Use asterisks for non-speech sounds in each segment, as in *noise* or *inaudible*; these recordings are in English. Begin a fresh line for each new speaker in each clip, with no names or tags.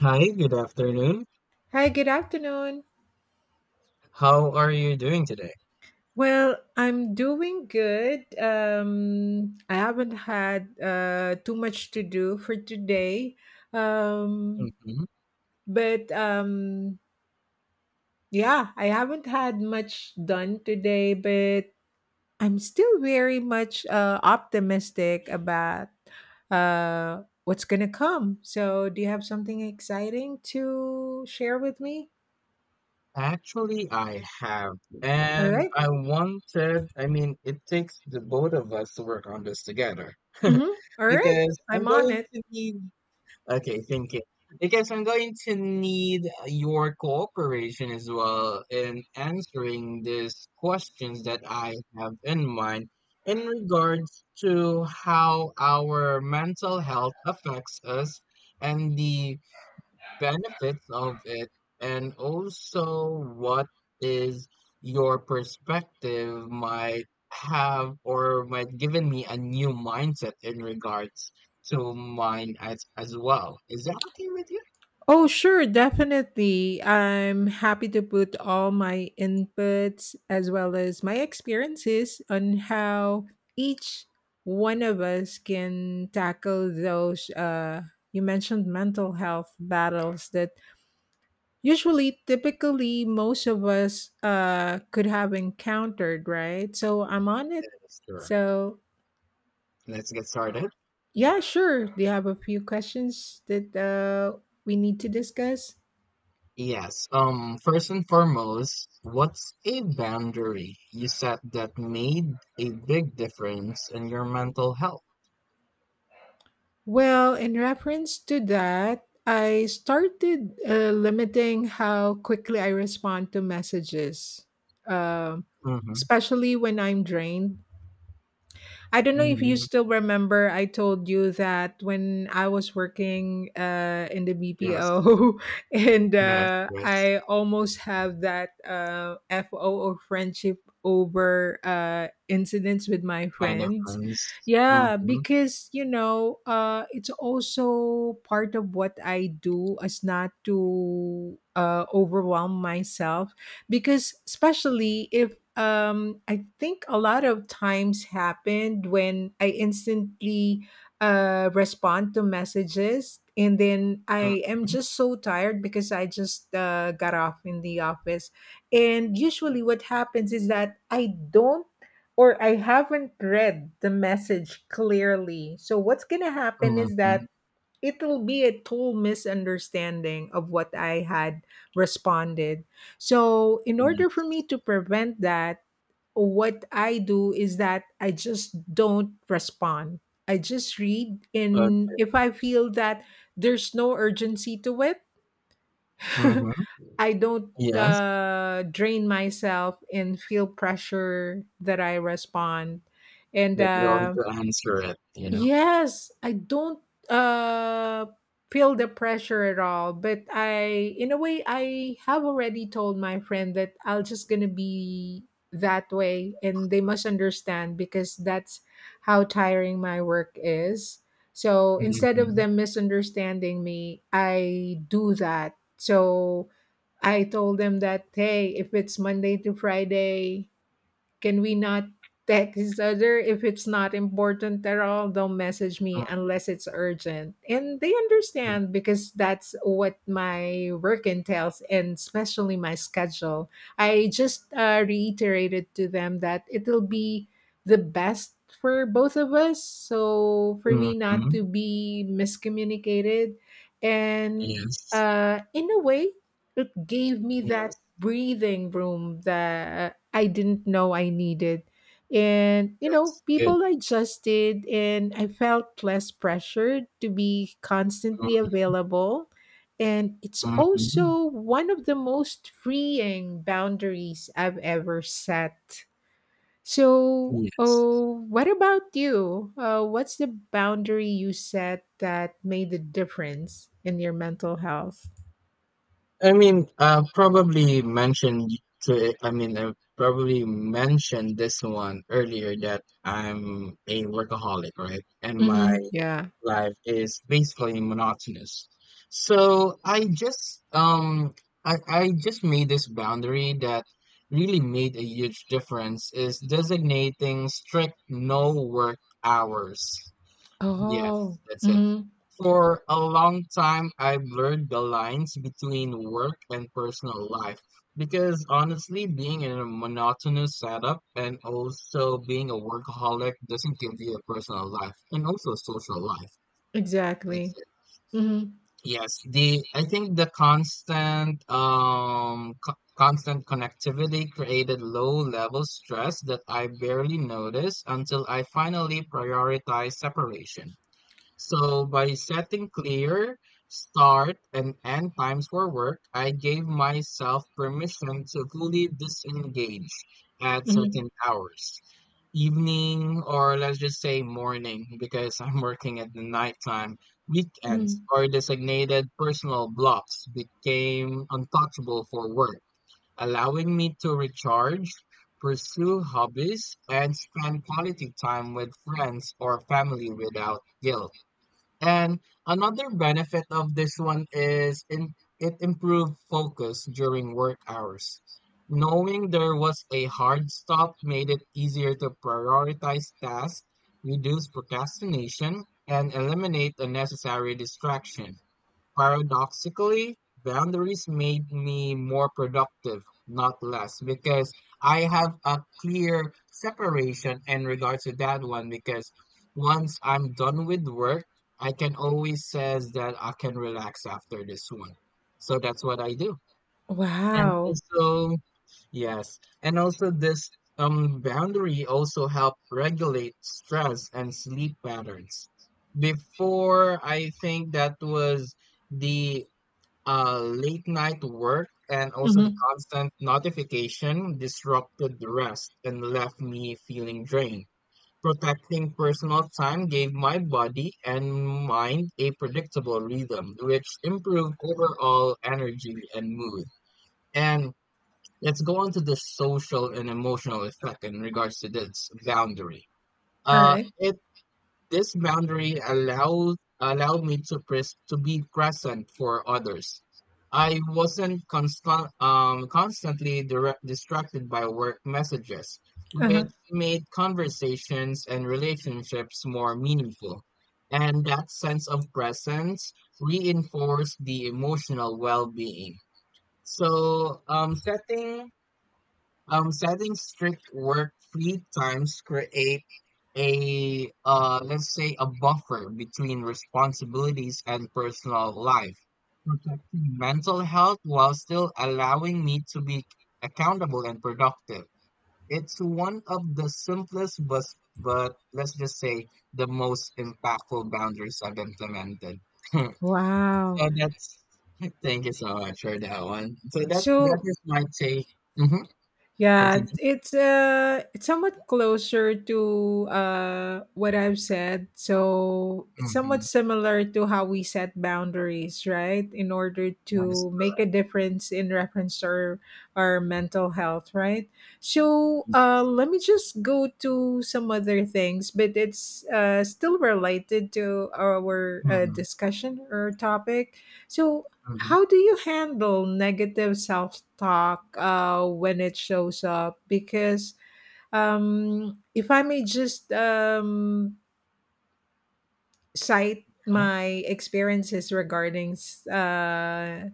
Hi, good afternoon.
Hi, good afternoon.
How are you doing today?
Well, I'm doing good. I haven't had too much to do for today. Um,
Mhm.
but yeah, I haven't had much done today, but I'm still very much optimistic about what's going to come. So, do you have something exciting to share with me?
Actually, I have.
All
And
right.
I wanted, I mean, it takes the both of us to work on this together. *laughs*
Mm-hmm. All right.
Because I'm
I'm on
going
it.
to need, okay, thank you. Because I'm going to need your cooperation as well in answering these questions that I have in mind in regards to how our mental health affects us and the benefits of it and also what is your perspective might have or might given me a new mindset in regards to mine as well. Is that okay with you?
Oh, sure, definitely. I'm happy to put all my inputs as well as my experiences on how each one of us can tackle those you mentioned mental health battles that usually typically most of us could have encountered, right? So I'm on it.
Yes, sure.
So
Let's get started.
yeah, sure. Do you have a few questions that we need to discuss?
Yes. First and foremost, what's a boundary you set that made a big difference in your mental health?
Well, in reference to that, I started limiting how quickly I respond to messages, um,
Mm-hmm.
especially when I'm drained. I don't know if you
Mm-hmm.
still remember, I told you that when I was working in the
Yes.
BPO, *laughs* and
Yes. Yes.
I almost have that FO or friendship over incidents with my
Kind of
friends.
friends.
Yeah,
Mhm,
because, it's also part of what I do as not to overwhelm myself because especially if I think a lot of times happened when I instantly respond to messages, and then I
mhm,
am just so tired because I just got off in the office. And usually what happens is that I don't, or I haven't read the message clearly, so what's going to happen is that
mhm,
it'll be a total misunderstanding of what I had responded. So, in order
yes,
for me to prevent that, what I do is that I just don't respond. I just read,
but
and if I feel that there's no urgency to it, *laughs*
mhm,
I don't
yes,
drain myself and feel pressure that I respond. And
that you're going to answer it, you know?
Yes, I don't uh feel the pressure at all, but I in a way I have already told my friend that I'll just going to be that way, and they must understand because that's how tiring my work is. So instead of
Mhm,
them misunderstanding me, I do that. So I told them that hey, if it's Monday to Friday, can we not text each other if it's not important at all? Don't message me
mhm,
unless it's urgent. And they understand because that's what my work entails, and especially my schedule. I just reiterated to them that it'll be the best for both of us. So for me not
mhm,
to be miscommunicated, and
yes,
in a way, it gave me that
yes,
breathing room that I didn't know I needed. And, you know,
that's good.
people adjusted, and I felt less pressured to be constantly
Mm,
available. And it's
mhm,
also one of the most freeing boundaries I've ever set. So,
yes.
oh, what about you? What's the boundary you set that made the difference in your mental health?
I mean, probably mentioned to, I mean, I probably mentioned this one earlier that I'm a workaholic, right? And my
Hmm, yeah.
life is basically monotonous. So I just I just made this boundary that really made a huge difference is designating strict no work hours. Yes,
Oh.
that's it. For a long time, I blurred the lines between work and personal life because honestly, being in a monotonous setup and also being a workaholic doesn't give you a personal life and also a social life. That's
Exactly.
it.
Mhm.
Yes, the I think the constant constant connectivity created low level stress that I barely noticed until I finally prioritized separation. So by setting clear start and end times for work, I gave myself permission to fully disengage at
Mhm.
certain hours, evening or let's just say morning, because I'm working at the nighttime.
Mhm.
Weekends or designated personal blocks became untouchable for work, allowing me to recharge, pursue hobbies, and spend quality time with friends or family without guilt. And another benefit of this one is in, it improved focus during work hours. Knowing there was a hard stop made it easier to prioritize tasks, reduce procrastination, and eliminate unnecessary distraction. Paradoxically, boundaries made me more productive, not less, because I have a clear separation in regards to that one. Because once I'm done with work, I can always says that I can relax after this one. So that's what I do. And
Wow.
also, yes. And also this boundary also help regulate stress and sleep patterns. Before I think that was the late night work and also the
Mhm.
constant notification disrupted the rest and left me feeling drained. Protecting personal time gave my body and mind a predictable rhythm, which improved overall energy and mood. And let's go on to the social and emotional effect in regards to this boundary.
Alright.
It this boundary allowed me to pres- to be present for others. I wasn't constant, constantly direct- distracted by work messages,
Uh-huh.
which made conversations and relationships more meaningful. And that sense of presence reinforced the emotional well-being. So, setting strict work-free times create a let's say a buffer between responsibilities and personal life, protecting mental health while still allowing me to be accountable and productive. It's one of the simplest, but let's just say the most impactful boundaries I've implemented. *laughs* So
Wow.
that's *laughs* thank you so much for that one. So that
So
is my take. Hmm.
yeah,
Continue.
it's somewhat closer to what I've said. So it's somewhat
Mhm.
similar to how we set boundaries, right? In order
That is
to make a difference in reference to our mental health, right? So
correct.
let me just go to some other things, but it's still related to our
Mhm,
discussion or topic. So
mhm,
how do you handle negative self talk when it shows up? Because if I may just cite
yeah.
my experiences regarding uh,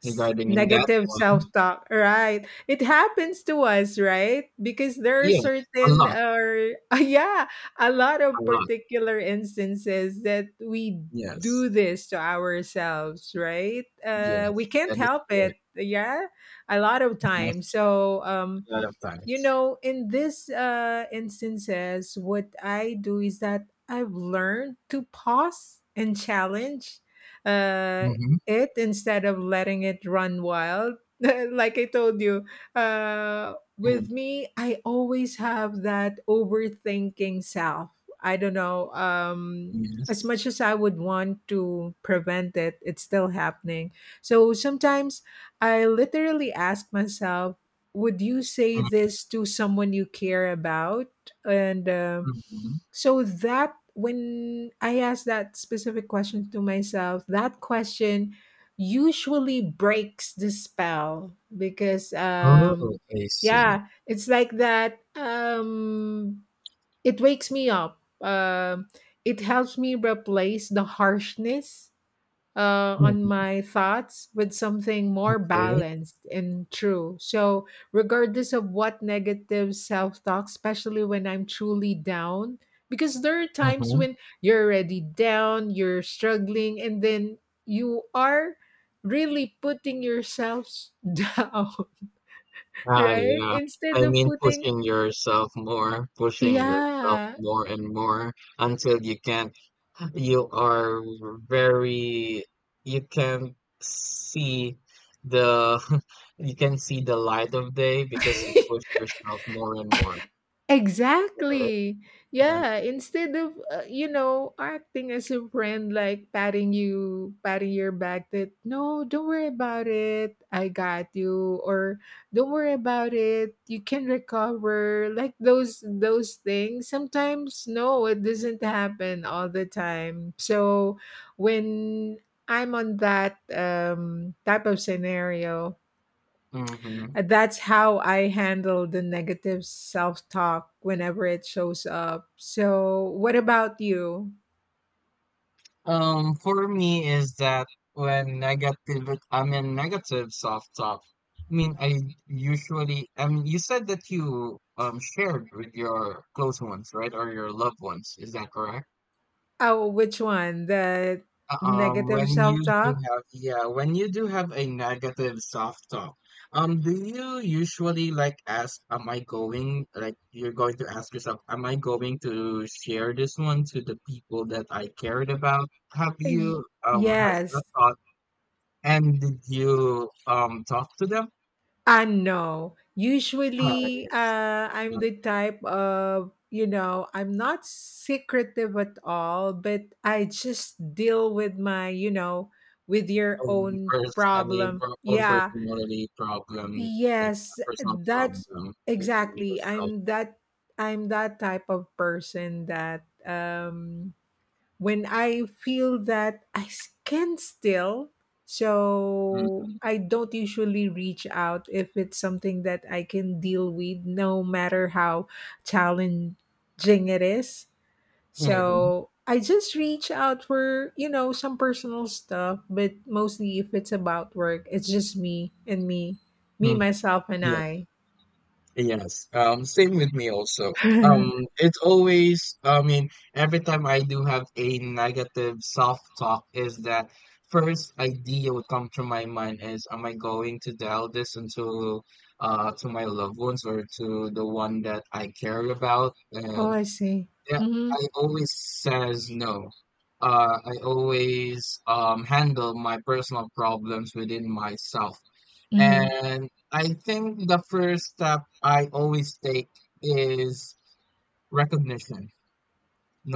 Regarding in that
negative
one,
self-talk, right? It happens to us, right? Because there are
yes, a
certain
lot,
or *laughs* yeah, a lot
a
of
lot.
particular instances that we
Yes,
do this to ourselves, right? We
yes,
can't
that is
help
correct.
it, yeah, a lot of
Yes,
times.
a lot of
You
times.
know, in this instances, what I do is that I've learned to pause and challenge uh,
Mm-hmm.
it instead of letting it run wild. *laughs* Like I told you,
Mm.
with me, I always have that overthinking self. I don't know. As
Yes.
much as I would want to prevent it, it's still happening. So sometimes I literally ask myself, would you say this to someone you care about? And
Mm-hmm.
So that when I ask that specific question to myself, that question usually breaks the spell because
Oh, I see.
yeah, it's like that it wakes me up, it helps me replace the harshness on
Mm-hmm.
my thoughts with something more
Okay.
balanced and true. So, regardless of what negative self talk, especially when I'm truly down, because there are times
Mm-hmm.
when you're already down, you're struggling, and then you are really putting yourself *laughs* down,
Ah,
right?
yeah.
Instead
I
of
mean,
putting,
pushing yourself
yeah.
more and more until you can. You are very you can see the *laughs* you can see the light of day because you push
*laughs*
yourself more and more. Is that it?
Exactly. Yeah, instead of you know, acting as a friend, like patting you, patting your back that no, don't worry about it. I got you, or don't worry about it. You can recover. Like those things. Sometimes no, it doesn't happen all the time. So when I'm on that type of scenario,
Mm-hmm.
and that's how I handle the negative self talk whenever it shows up. So, what about you?
For me is that when negative, I mean negative soft top. I mean, I usually, I mean, you said that you shared with your close ones, right, or your loved ones. Is that correct?
Oh, which one? The negative
When
self
you do
talk?
have a negative soft talk, do you usually like ask, am I going, like you're going to ask yourself, am I going to share this one to the people that I cared about?
Y-
Has that
Yes.
thought, and did you, talk to them?
I know.
Uh,
Usually,
yes.
I'm
My
the type of, you know, I'm not secretive at all, but I just deal with my, you know, with your
own
own
I mean,
problem.
own
Yeah.
personality problem, like
Yes,
personal
that's
problem within
exactly.
yourself.
I'm that type of person that when I feel that can still, so
Mm-hmm.
I don't usually reach out if it's something that I can deal with, no matter how challenging it is.
Mm-hmm.
So I just reach out for, you know, some personal stuff, but mostly if it's about work, it's just me and me, me,
Mm,
myself, and
yeah.
I.
Yes, same with me also.
*laughs* Oh,
It's always, I mean, every time I do have a negative self-talk is that first idea would come to my mind is, am I going to tell this into to my loved ones or to the one that I care about? And
I see.
yeah,
Mm-hmm.
I always says no. I always handle my personal problems within myself.
Mm-hmm.
And I think the first step I always take is recognition,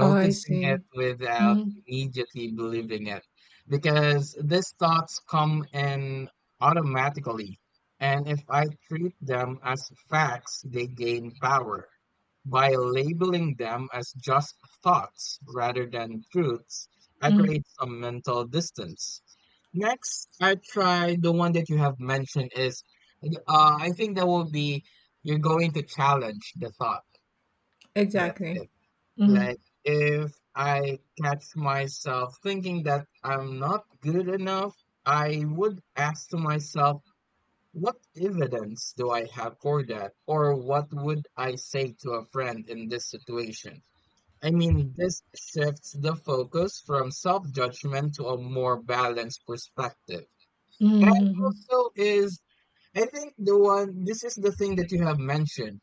Oh, I
it
see.
without
Mm-hmm.
immediately believing it because these thoughts come in automatically, and if I treat them as facts, they gain power. By labeling them as just thoughts rather than truths, I
Mm-hmm.
create some mental distance. Next I try the one that you have mentioned is I think that will be you're going to challenge the thought. That's
Exactly.
it.
Mm-hmm.
Like, if I catch myself thinking that I'm not good enough, I would ask to myself, what evidence do I have for that? Or what would I say to a friend in this situation? I mean, this shifts the focus from self judgment to a more balanced perspective. And
Mm-hmm.
also, is I think the one, this is the thing that you have mentioned.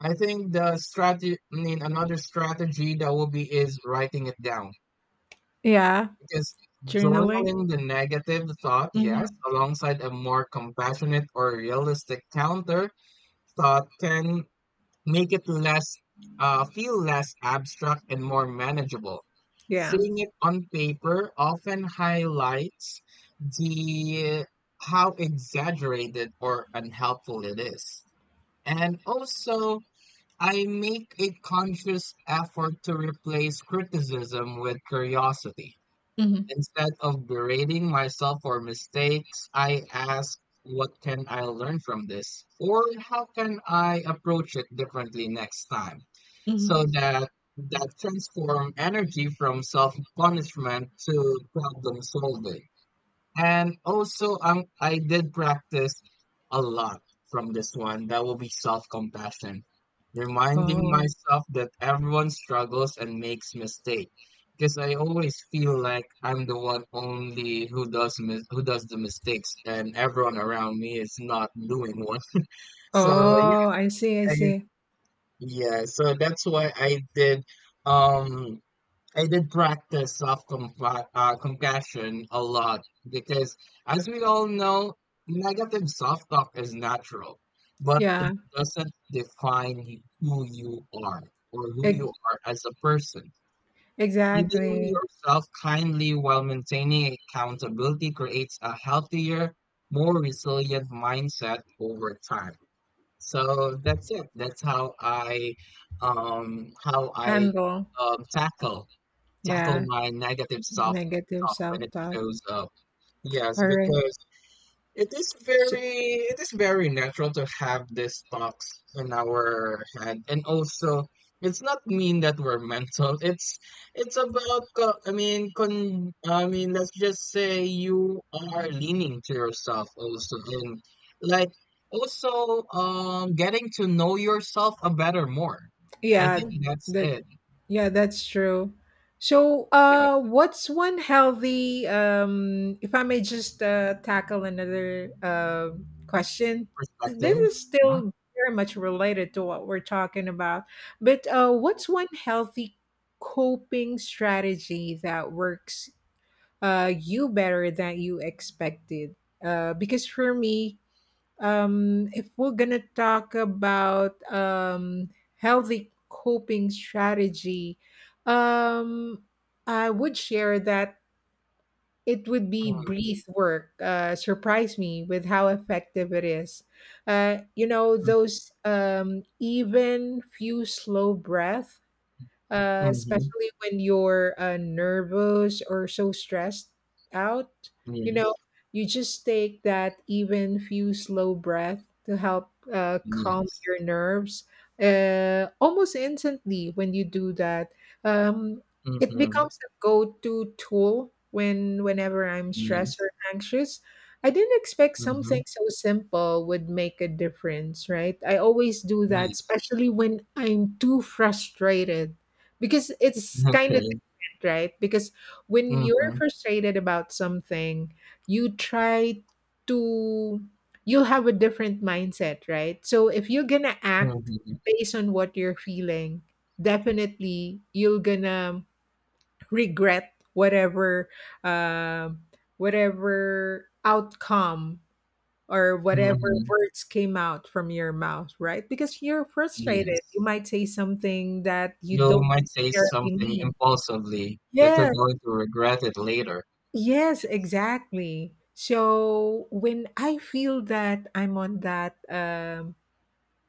I think the strategy, I mean, another strategy that will be is writing it down,
Yeah.
because
Journaling.
journaling the negative thought, yes,
Mm-hmm.
alongside a more compassionate or realistic counter thought can make it less, feel less abstract and more manageable.
Yeah.
Seeing it on paper often highlights the how exaggerated or unhelpful it is. And also, I make a conscious effort to replace criticism with curiosity.
Mm-hmm.
Instead of berating myself for mistakes, I ask, what can I learn from this? Or how can I approach it differently next time? So
Mm-hmm.
that that transform energy from self-punishment to problem solving. And also, I did practice a lot from this one. That will be self-compassion, reminding
Oh.
myself that everyone struggles and makes mistakes. Because I always feel like I'm the one only who does mis- who does the mistakes, and everyone around me is not doing one. So yeah,
Oh, I see. I
I,
see.
yeah. So that's why I did. Um, I did practice self compassion a lot because, as we all know, negative self talk is natural, but it
Yeah.
doesn't define who you are or who you
Ex-
are as a person. Treating
exactly.
yourself kindly while maintaining accountability creates a healthier, more resilient mindset over time. So that's it. That's how I
Handle.
um, tackle tackle
Yeah.
my negative self
Negative
talk when it
self-talk.
shows up. Yes,
All right.
because it is
So,
very it is very natural to have these thoughts in our head, and also it's not mean that we're mental. It's about I mean con I mean let's just say you are leaning to yourself also, and like also getting to know yourself a better more. I
yeah,
think that's
that
it.
yeah, that's true. So
Yes,
what's one healthy um, if I may just tackle another question.
perspective.
This is
Yeah.
still very much related to what we're talking about, but what's one healthy coping strategy that works you better than you expected? Because for me, if we're gonna talk about healthy coping strategy, um, I would share that it would be
Mm-hmm.
breath work. Surprise me with how effective it is. You know
Mm,
those even few slow breath,
mhm,
especially when you're nervous or so stressed out. You
yes.
know, you just take that even few slow breath to help calm
Yes.
your nerves almost instantly when you do that. Um, it
Mhm,
becomes a go-to tool whenever I'm stressed
yes.
or anxious. I didn't expect something
Mhm,
so simple would make a difference, right? I always do that,
yes.
especially when I'm too frustrated because it's kind of
Okay.
different, right? Because when you're
Mhm,
frustrated about something, you try to, you'll have a different mindset, right? So if you're gonna act
mhm,
based on what you're feeling, definitely you're gonna regret whatever um whatever outcome or whatever
mhm,
words came out from your mouth, right? Because you're
yes.
frustrated. You might say something that you
You
don't
might say
necessarily
something
mean.
impulsively that you're
Yes,
going to regret it later.
yes, exactly. So when I feel that I'm on that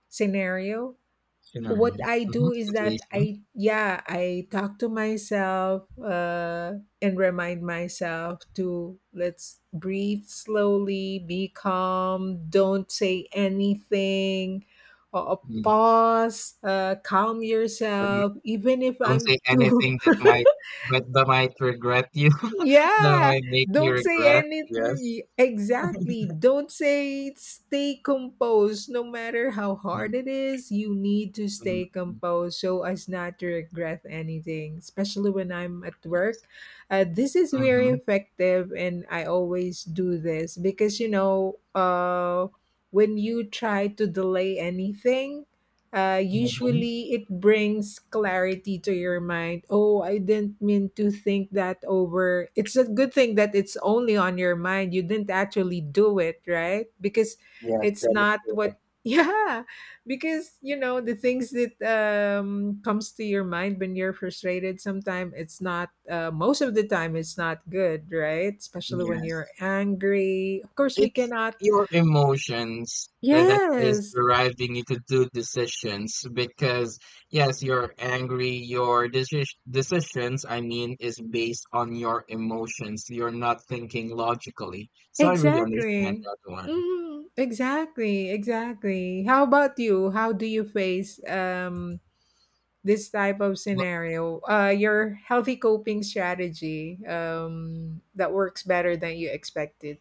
scenario,
Scenario.
what I
Mhm,
do is that
situation.
I yeah, I talk to myself, and remind myself to let's breathe slowly, be calm, don't say anything, or
Mm.
pause, calm
Don't
yourself. Even if I'm
say
too
anything that
*laughs*
might but that might regret you. *laughs* That
yeah,
might make you
don't say
regret. Yes.
anything. Exactly. Don't say, stay composed. No matter how
Mm,
hard it is, you need to
mm,
stay
mm,
composed so as not to regret anything, especially when I'm at work. This is very
mhm,
effective, and I always do this because, you know, when you try to delay anything,
mhm.
usually, it brings clarity to your mind. Oh, I didn't mean to think that over. It's a good thing that it's only on your mind. You didn't actually do it, right? Because
Yes,
it's
that is
not what.
correct.
*laughs* Yeah, because you know the things that comes to your mind when you're frustrated. Sometimes it's not. Most of the time, it's not good, right? Especially when you're
Yes.
angry. Of course, we
It's
cannot.
your emotions that is
Yes.
driving you to do decisions because yes, you're angry, your decisions, I mean, is based on your emotions. You're not thinking logically. So I really understand
Exactly.
that one.
Mhm. Exactly. Exactly. How about you? How do you face this type of
Well,
scenario? Uh, your healthy coping strategy um, that works better than you expected.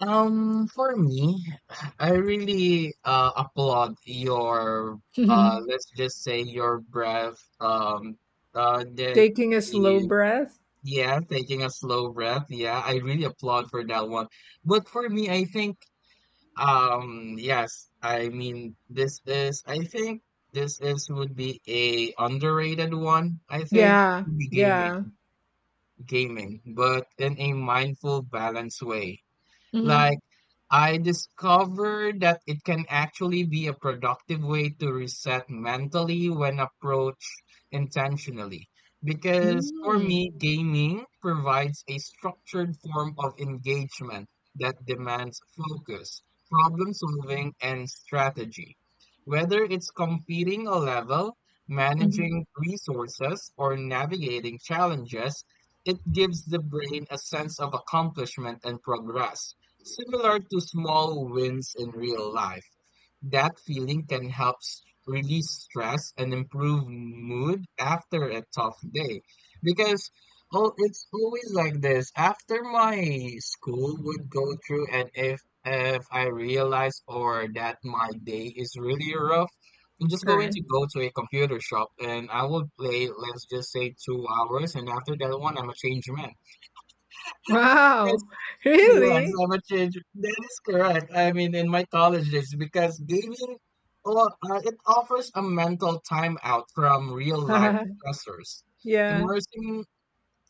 For me, I really applaud your
*laughs*
let's just say your breath the
Taking a slow breath?
yeah, taking a slow breath. Yeah, I really applaud for that one. But for me, I think, yes, I mean, I think this is would be a underrated one. I think it
Yeah.
would be gaming,
Yeah.
gaming, but in a mindful, balanced way.
Mhm.
Like, I discovered that it can actually be a productive way to reset mentally when approached intentionally. Because for
Mm.
me, gaming provides a structured form of engagement that demands focus, problem solving, and strategy. Whether it's completing a level,
Mhm.
managing resources, or navigating challenges, it gives the brain a sense of accomplishment and progress. Similar to small wins in real life, that feeling can help release stress and improve mood after a tough day. Because oh, it's always like this. After my school would go through, and if I realize or that my day is really rough, I'm just
All
going
right.
to go to a computer shop and I will play, let's just say, 2 hours, and after that one, I'm a changed man.
Wow. *laughs*
Yes,
Really?
I'm a change. That is correct. I mean, in my college days, because gaming, it offers a mental time out from real life
*laughs*
stressors,
Yeah.
immersing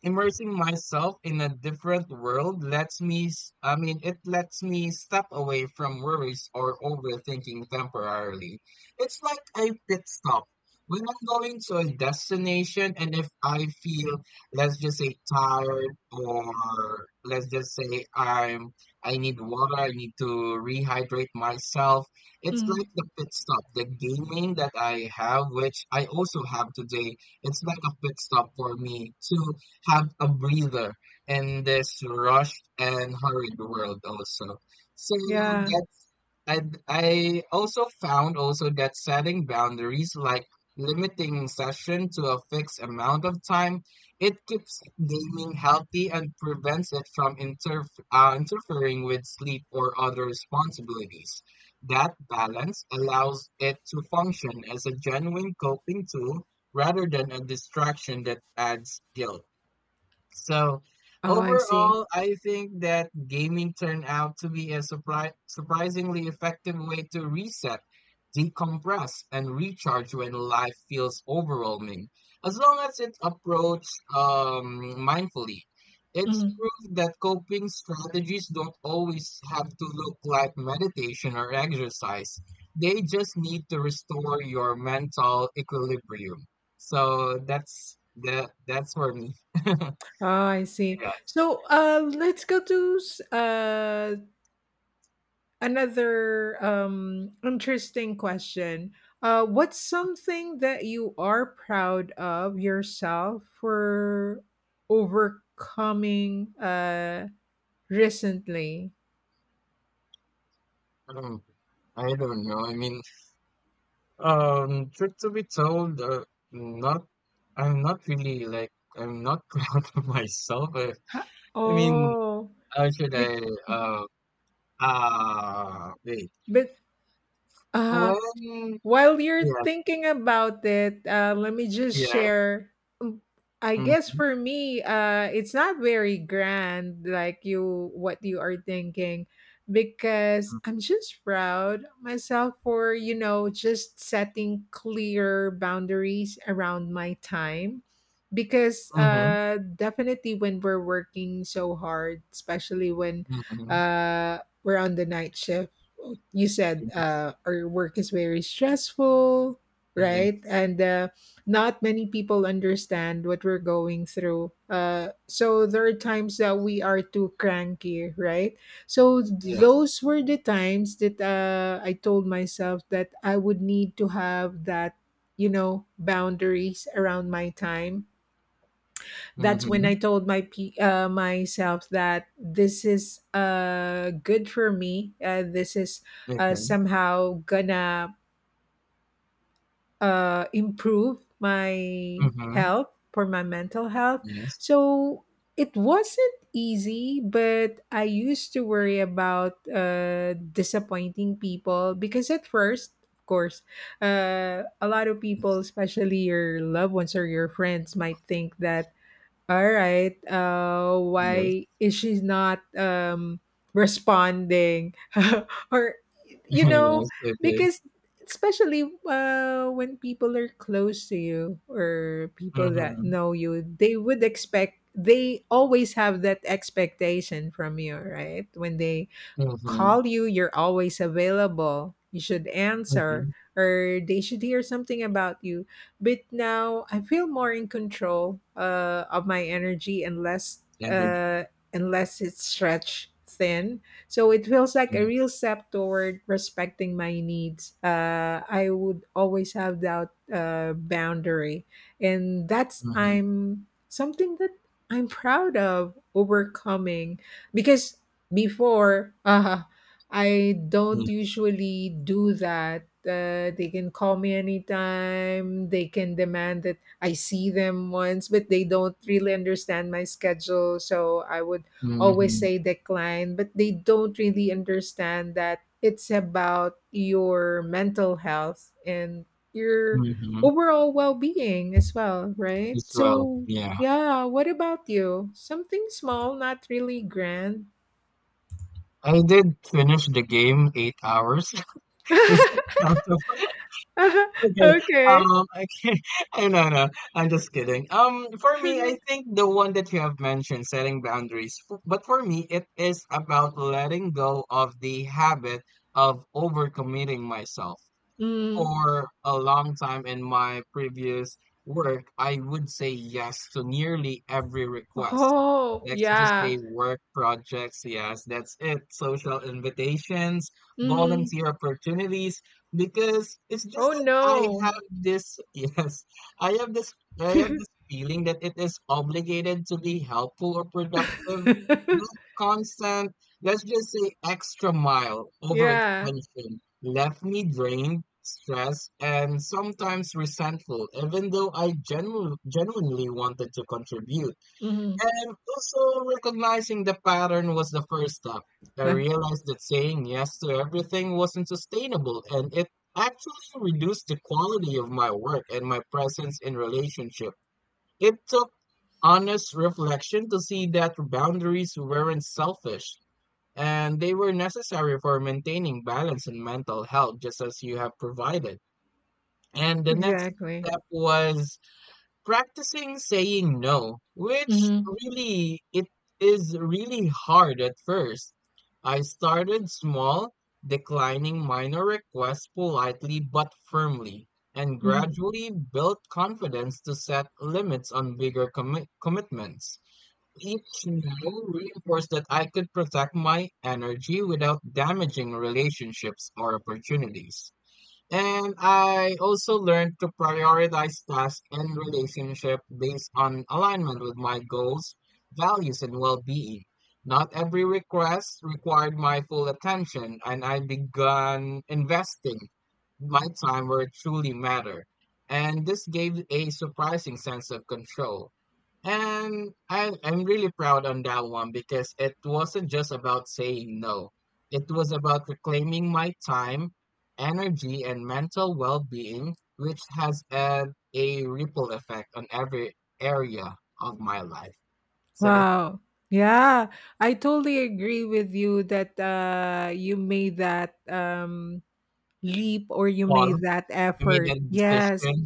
immersing myself in a different world lets me it lets me step away from worries or overthinking temporarily. It's like a pit stop when I'm going to a destination and if I feel, let's just say, tired, or let's just say I need water, I need to rehydrate myself. It's
Mhm.
like the pit stop, the gaming that I have, which I also have today. It's like a pit stop for me to have a breather in this rushed and hurried world also. So
Yeah.
that's I I also found also that setting boundaries, like limiting session to a fixed amount of time, it keeps gaming healthy and prevents it from interfering with sleep or other responsibilities. That balance allows it to function as a genuine coping tool rather than a distraction that adds guilt. So
Oh, I see.
overall, I think that gaming turned out to be a surprisingly effective way to reset, decompress, and recharge when life feels overwhelming. As long as it's approached mindfully, it's proof that coping strategies don't always have to look like meditation or exercise. They just need to restore your mental equilibrium. So that's that. That's for me. *laughs*
Ah, I see.
Yeah.
So, let's go to another interesting question. What's something that you are proud of yourself for overcoming recently?
Um, I don't know. I mean, truth to be told, not. I'm not really like I'm not *laughs* proud of myself.
Ha-
I mean,
Oh,
how should
be-
I? Uh, wait.
but uh,
When?
while you're
Yes.
thinking about it, let me just
Yes.
share. Um, I guess
Mm-hmm.
for me, it's not very grand, like you what you are thinking, because I'm just proud of myself for, you know, just setting clear boundaries around my time, because
Mm-hmm.
definitely when we're working so hard, especially when
Mm-hmm.
we're on the night shift, you said
Yes.
our work is very stressful,
Yeah.
right? And Not many people understand what we're going through. So there are times that we are too cranky, right? So
Yes.
those were the times that I told myself that I would need to have that, you know, boundaries around my time. That's when
Mm-hmm.
I told my myself that this is good for me. This is
Okay.
somehow gonna improve my
Mm-hmm.
health, for my mental health.
Yes.
So it wasn't easy, but I used to worry about disappointing people because at first, of course, a lot of people,
Yes.
especially your loved ones or your friends, might think that all right.
Yes.
Why is she not responding? *laughs* Or, you
*laughs*
know,
Yes. Okay.
because especially when people are close to you or people that
Mm-hmm.
know you, they would expect, they always have that expectation from you, right? When they
Mm-hmm.
call you, you're always available. You should answer,
Mm-hmm.
or they should hear something about you. But now I feel more in control of my energy and less,
Energy.
uh, unless it's stretched thin. So it feels like a real
Yes.
step toward respecting my needs. I would always have that boundary, and that's
Mhm.
I'm something that I'm proud of overcoming because before I don't
Yes.
usually do that. Uh, they can call me anytime, they can demand that I see them once, but they don't really understand my schedule, so I would always
Mhm.
say decline, but they don't really understand that it's about your mental health and your
Mhm.
overall well-being as well, right?
As well.
So
Yeah.
yeah, what about you? Something small, not really grand.
I did finish the game 8 hours. *laughs* It's
*laughs*
out of- okay.
Okay.
I can't, *laughs* I no, no, I'm just kidding. For me, I
*laughs*
think the one that you have mentioned, setting boundaries. But for me, it is about letting go of the habit of overcommitting myself.
Mm.
For a long time in my previous work, I would say yes to nearly every request.
Oh,
Let's just
yeah.
say work projects, yes, that's it. Social invitations,
Mm.
volunteer opportunities, because it's just
Oh,
that I
no.
have this, *laughs* yes, I have this, I have this feeling that it is obligated to be helpful or productive.
*laughs*
That constant, let's just say, extra mile over
Yeah.
extension, left me drained, stressed, and sometimes resentful, even though I genuinely wanted to contribute.
Mhm.
And also, recognizing the pattern was the first step. I
Huh. *laughs*
realized that saying yes to everything wasn't sustainable, and it actually reduced the quality of my work and my presence in relationship. It took honest reflection to see that boundaries weren't selfish and they were necessary for maintaining balance and mental health, just as you have provided. And the next
Exactly.
step was practicing saying no, which
Mhm.
really it is really hard at first. I started small, declining minor requests politely but firmly, and
Mhm.
gradually built confidence to set limits on bigger commitments. Each no reinforced that I could protect my energy without damaging relationships or opportunities. And I also learned to prioritize tasks and relationship based on alignment with my goals, values, and well-being. Not every request required my full attention, and I began investing my time where it truly mattered. And this gave a surprising sense of control. And I'm really proud on that one because it wasn't just about saying no. It was about reclaiming my time, energy, and mental well being, which has had a ripple effect on every area of my life. So that's
Wow. Yeah. I totally agree with you that you made that leap or you
all.
made that
I made
effort.
that
Yes.
decision.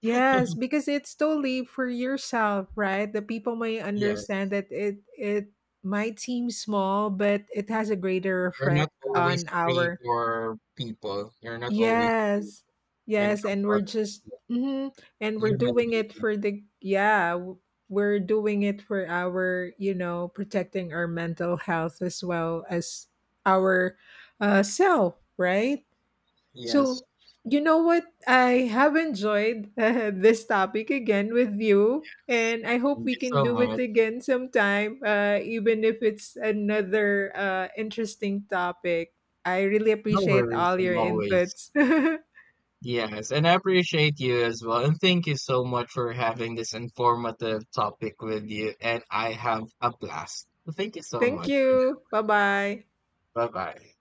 Yes, because it's totally for yourself, right? The people may understand
Yes.
that it might seem small, but it has a greater
You're not
effect
always
on
free
our,
for people. You're not always free
yes,
when it
yes,
comes
and
to
we're
other
just
people,
mhm, and we're
human
doing it
beings.
for the yeah, we're doing it for our, you know, protecting our mental health as well as our self, right?
Yes.
So, you know what? I have enjoyed *laughs* this topic again with you, and I hope
Thank
we
you
can
so
do it
much.
again sometime, even if it's another interesting topic. I really
No
appreciate
worries,
all
I'm
your
always.
inputs.
Yes, and I appreciate you as well. And thank you so much for having this informative topic with you. And I have a blast. Thank you
*laughs*
so
Thank
much for
you. Bye bye.
that. Bye bye.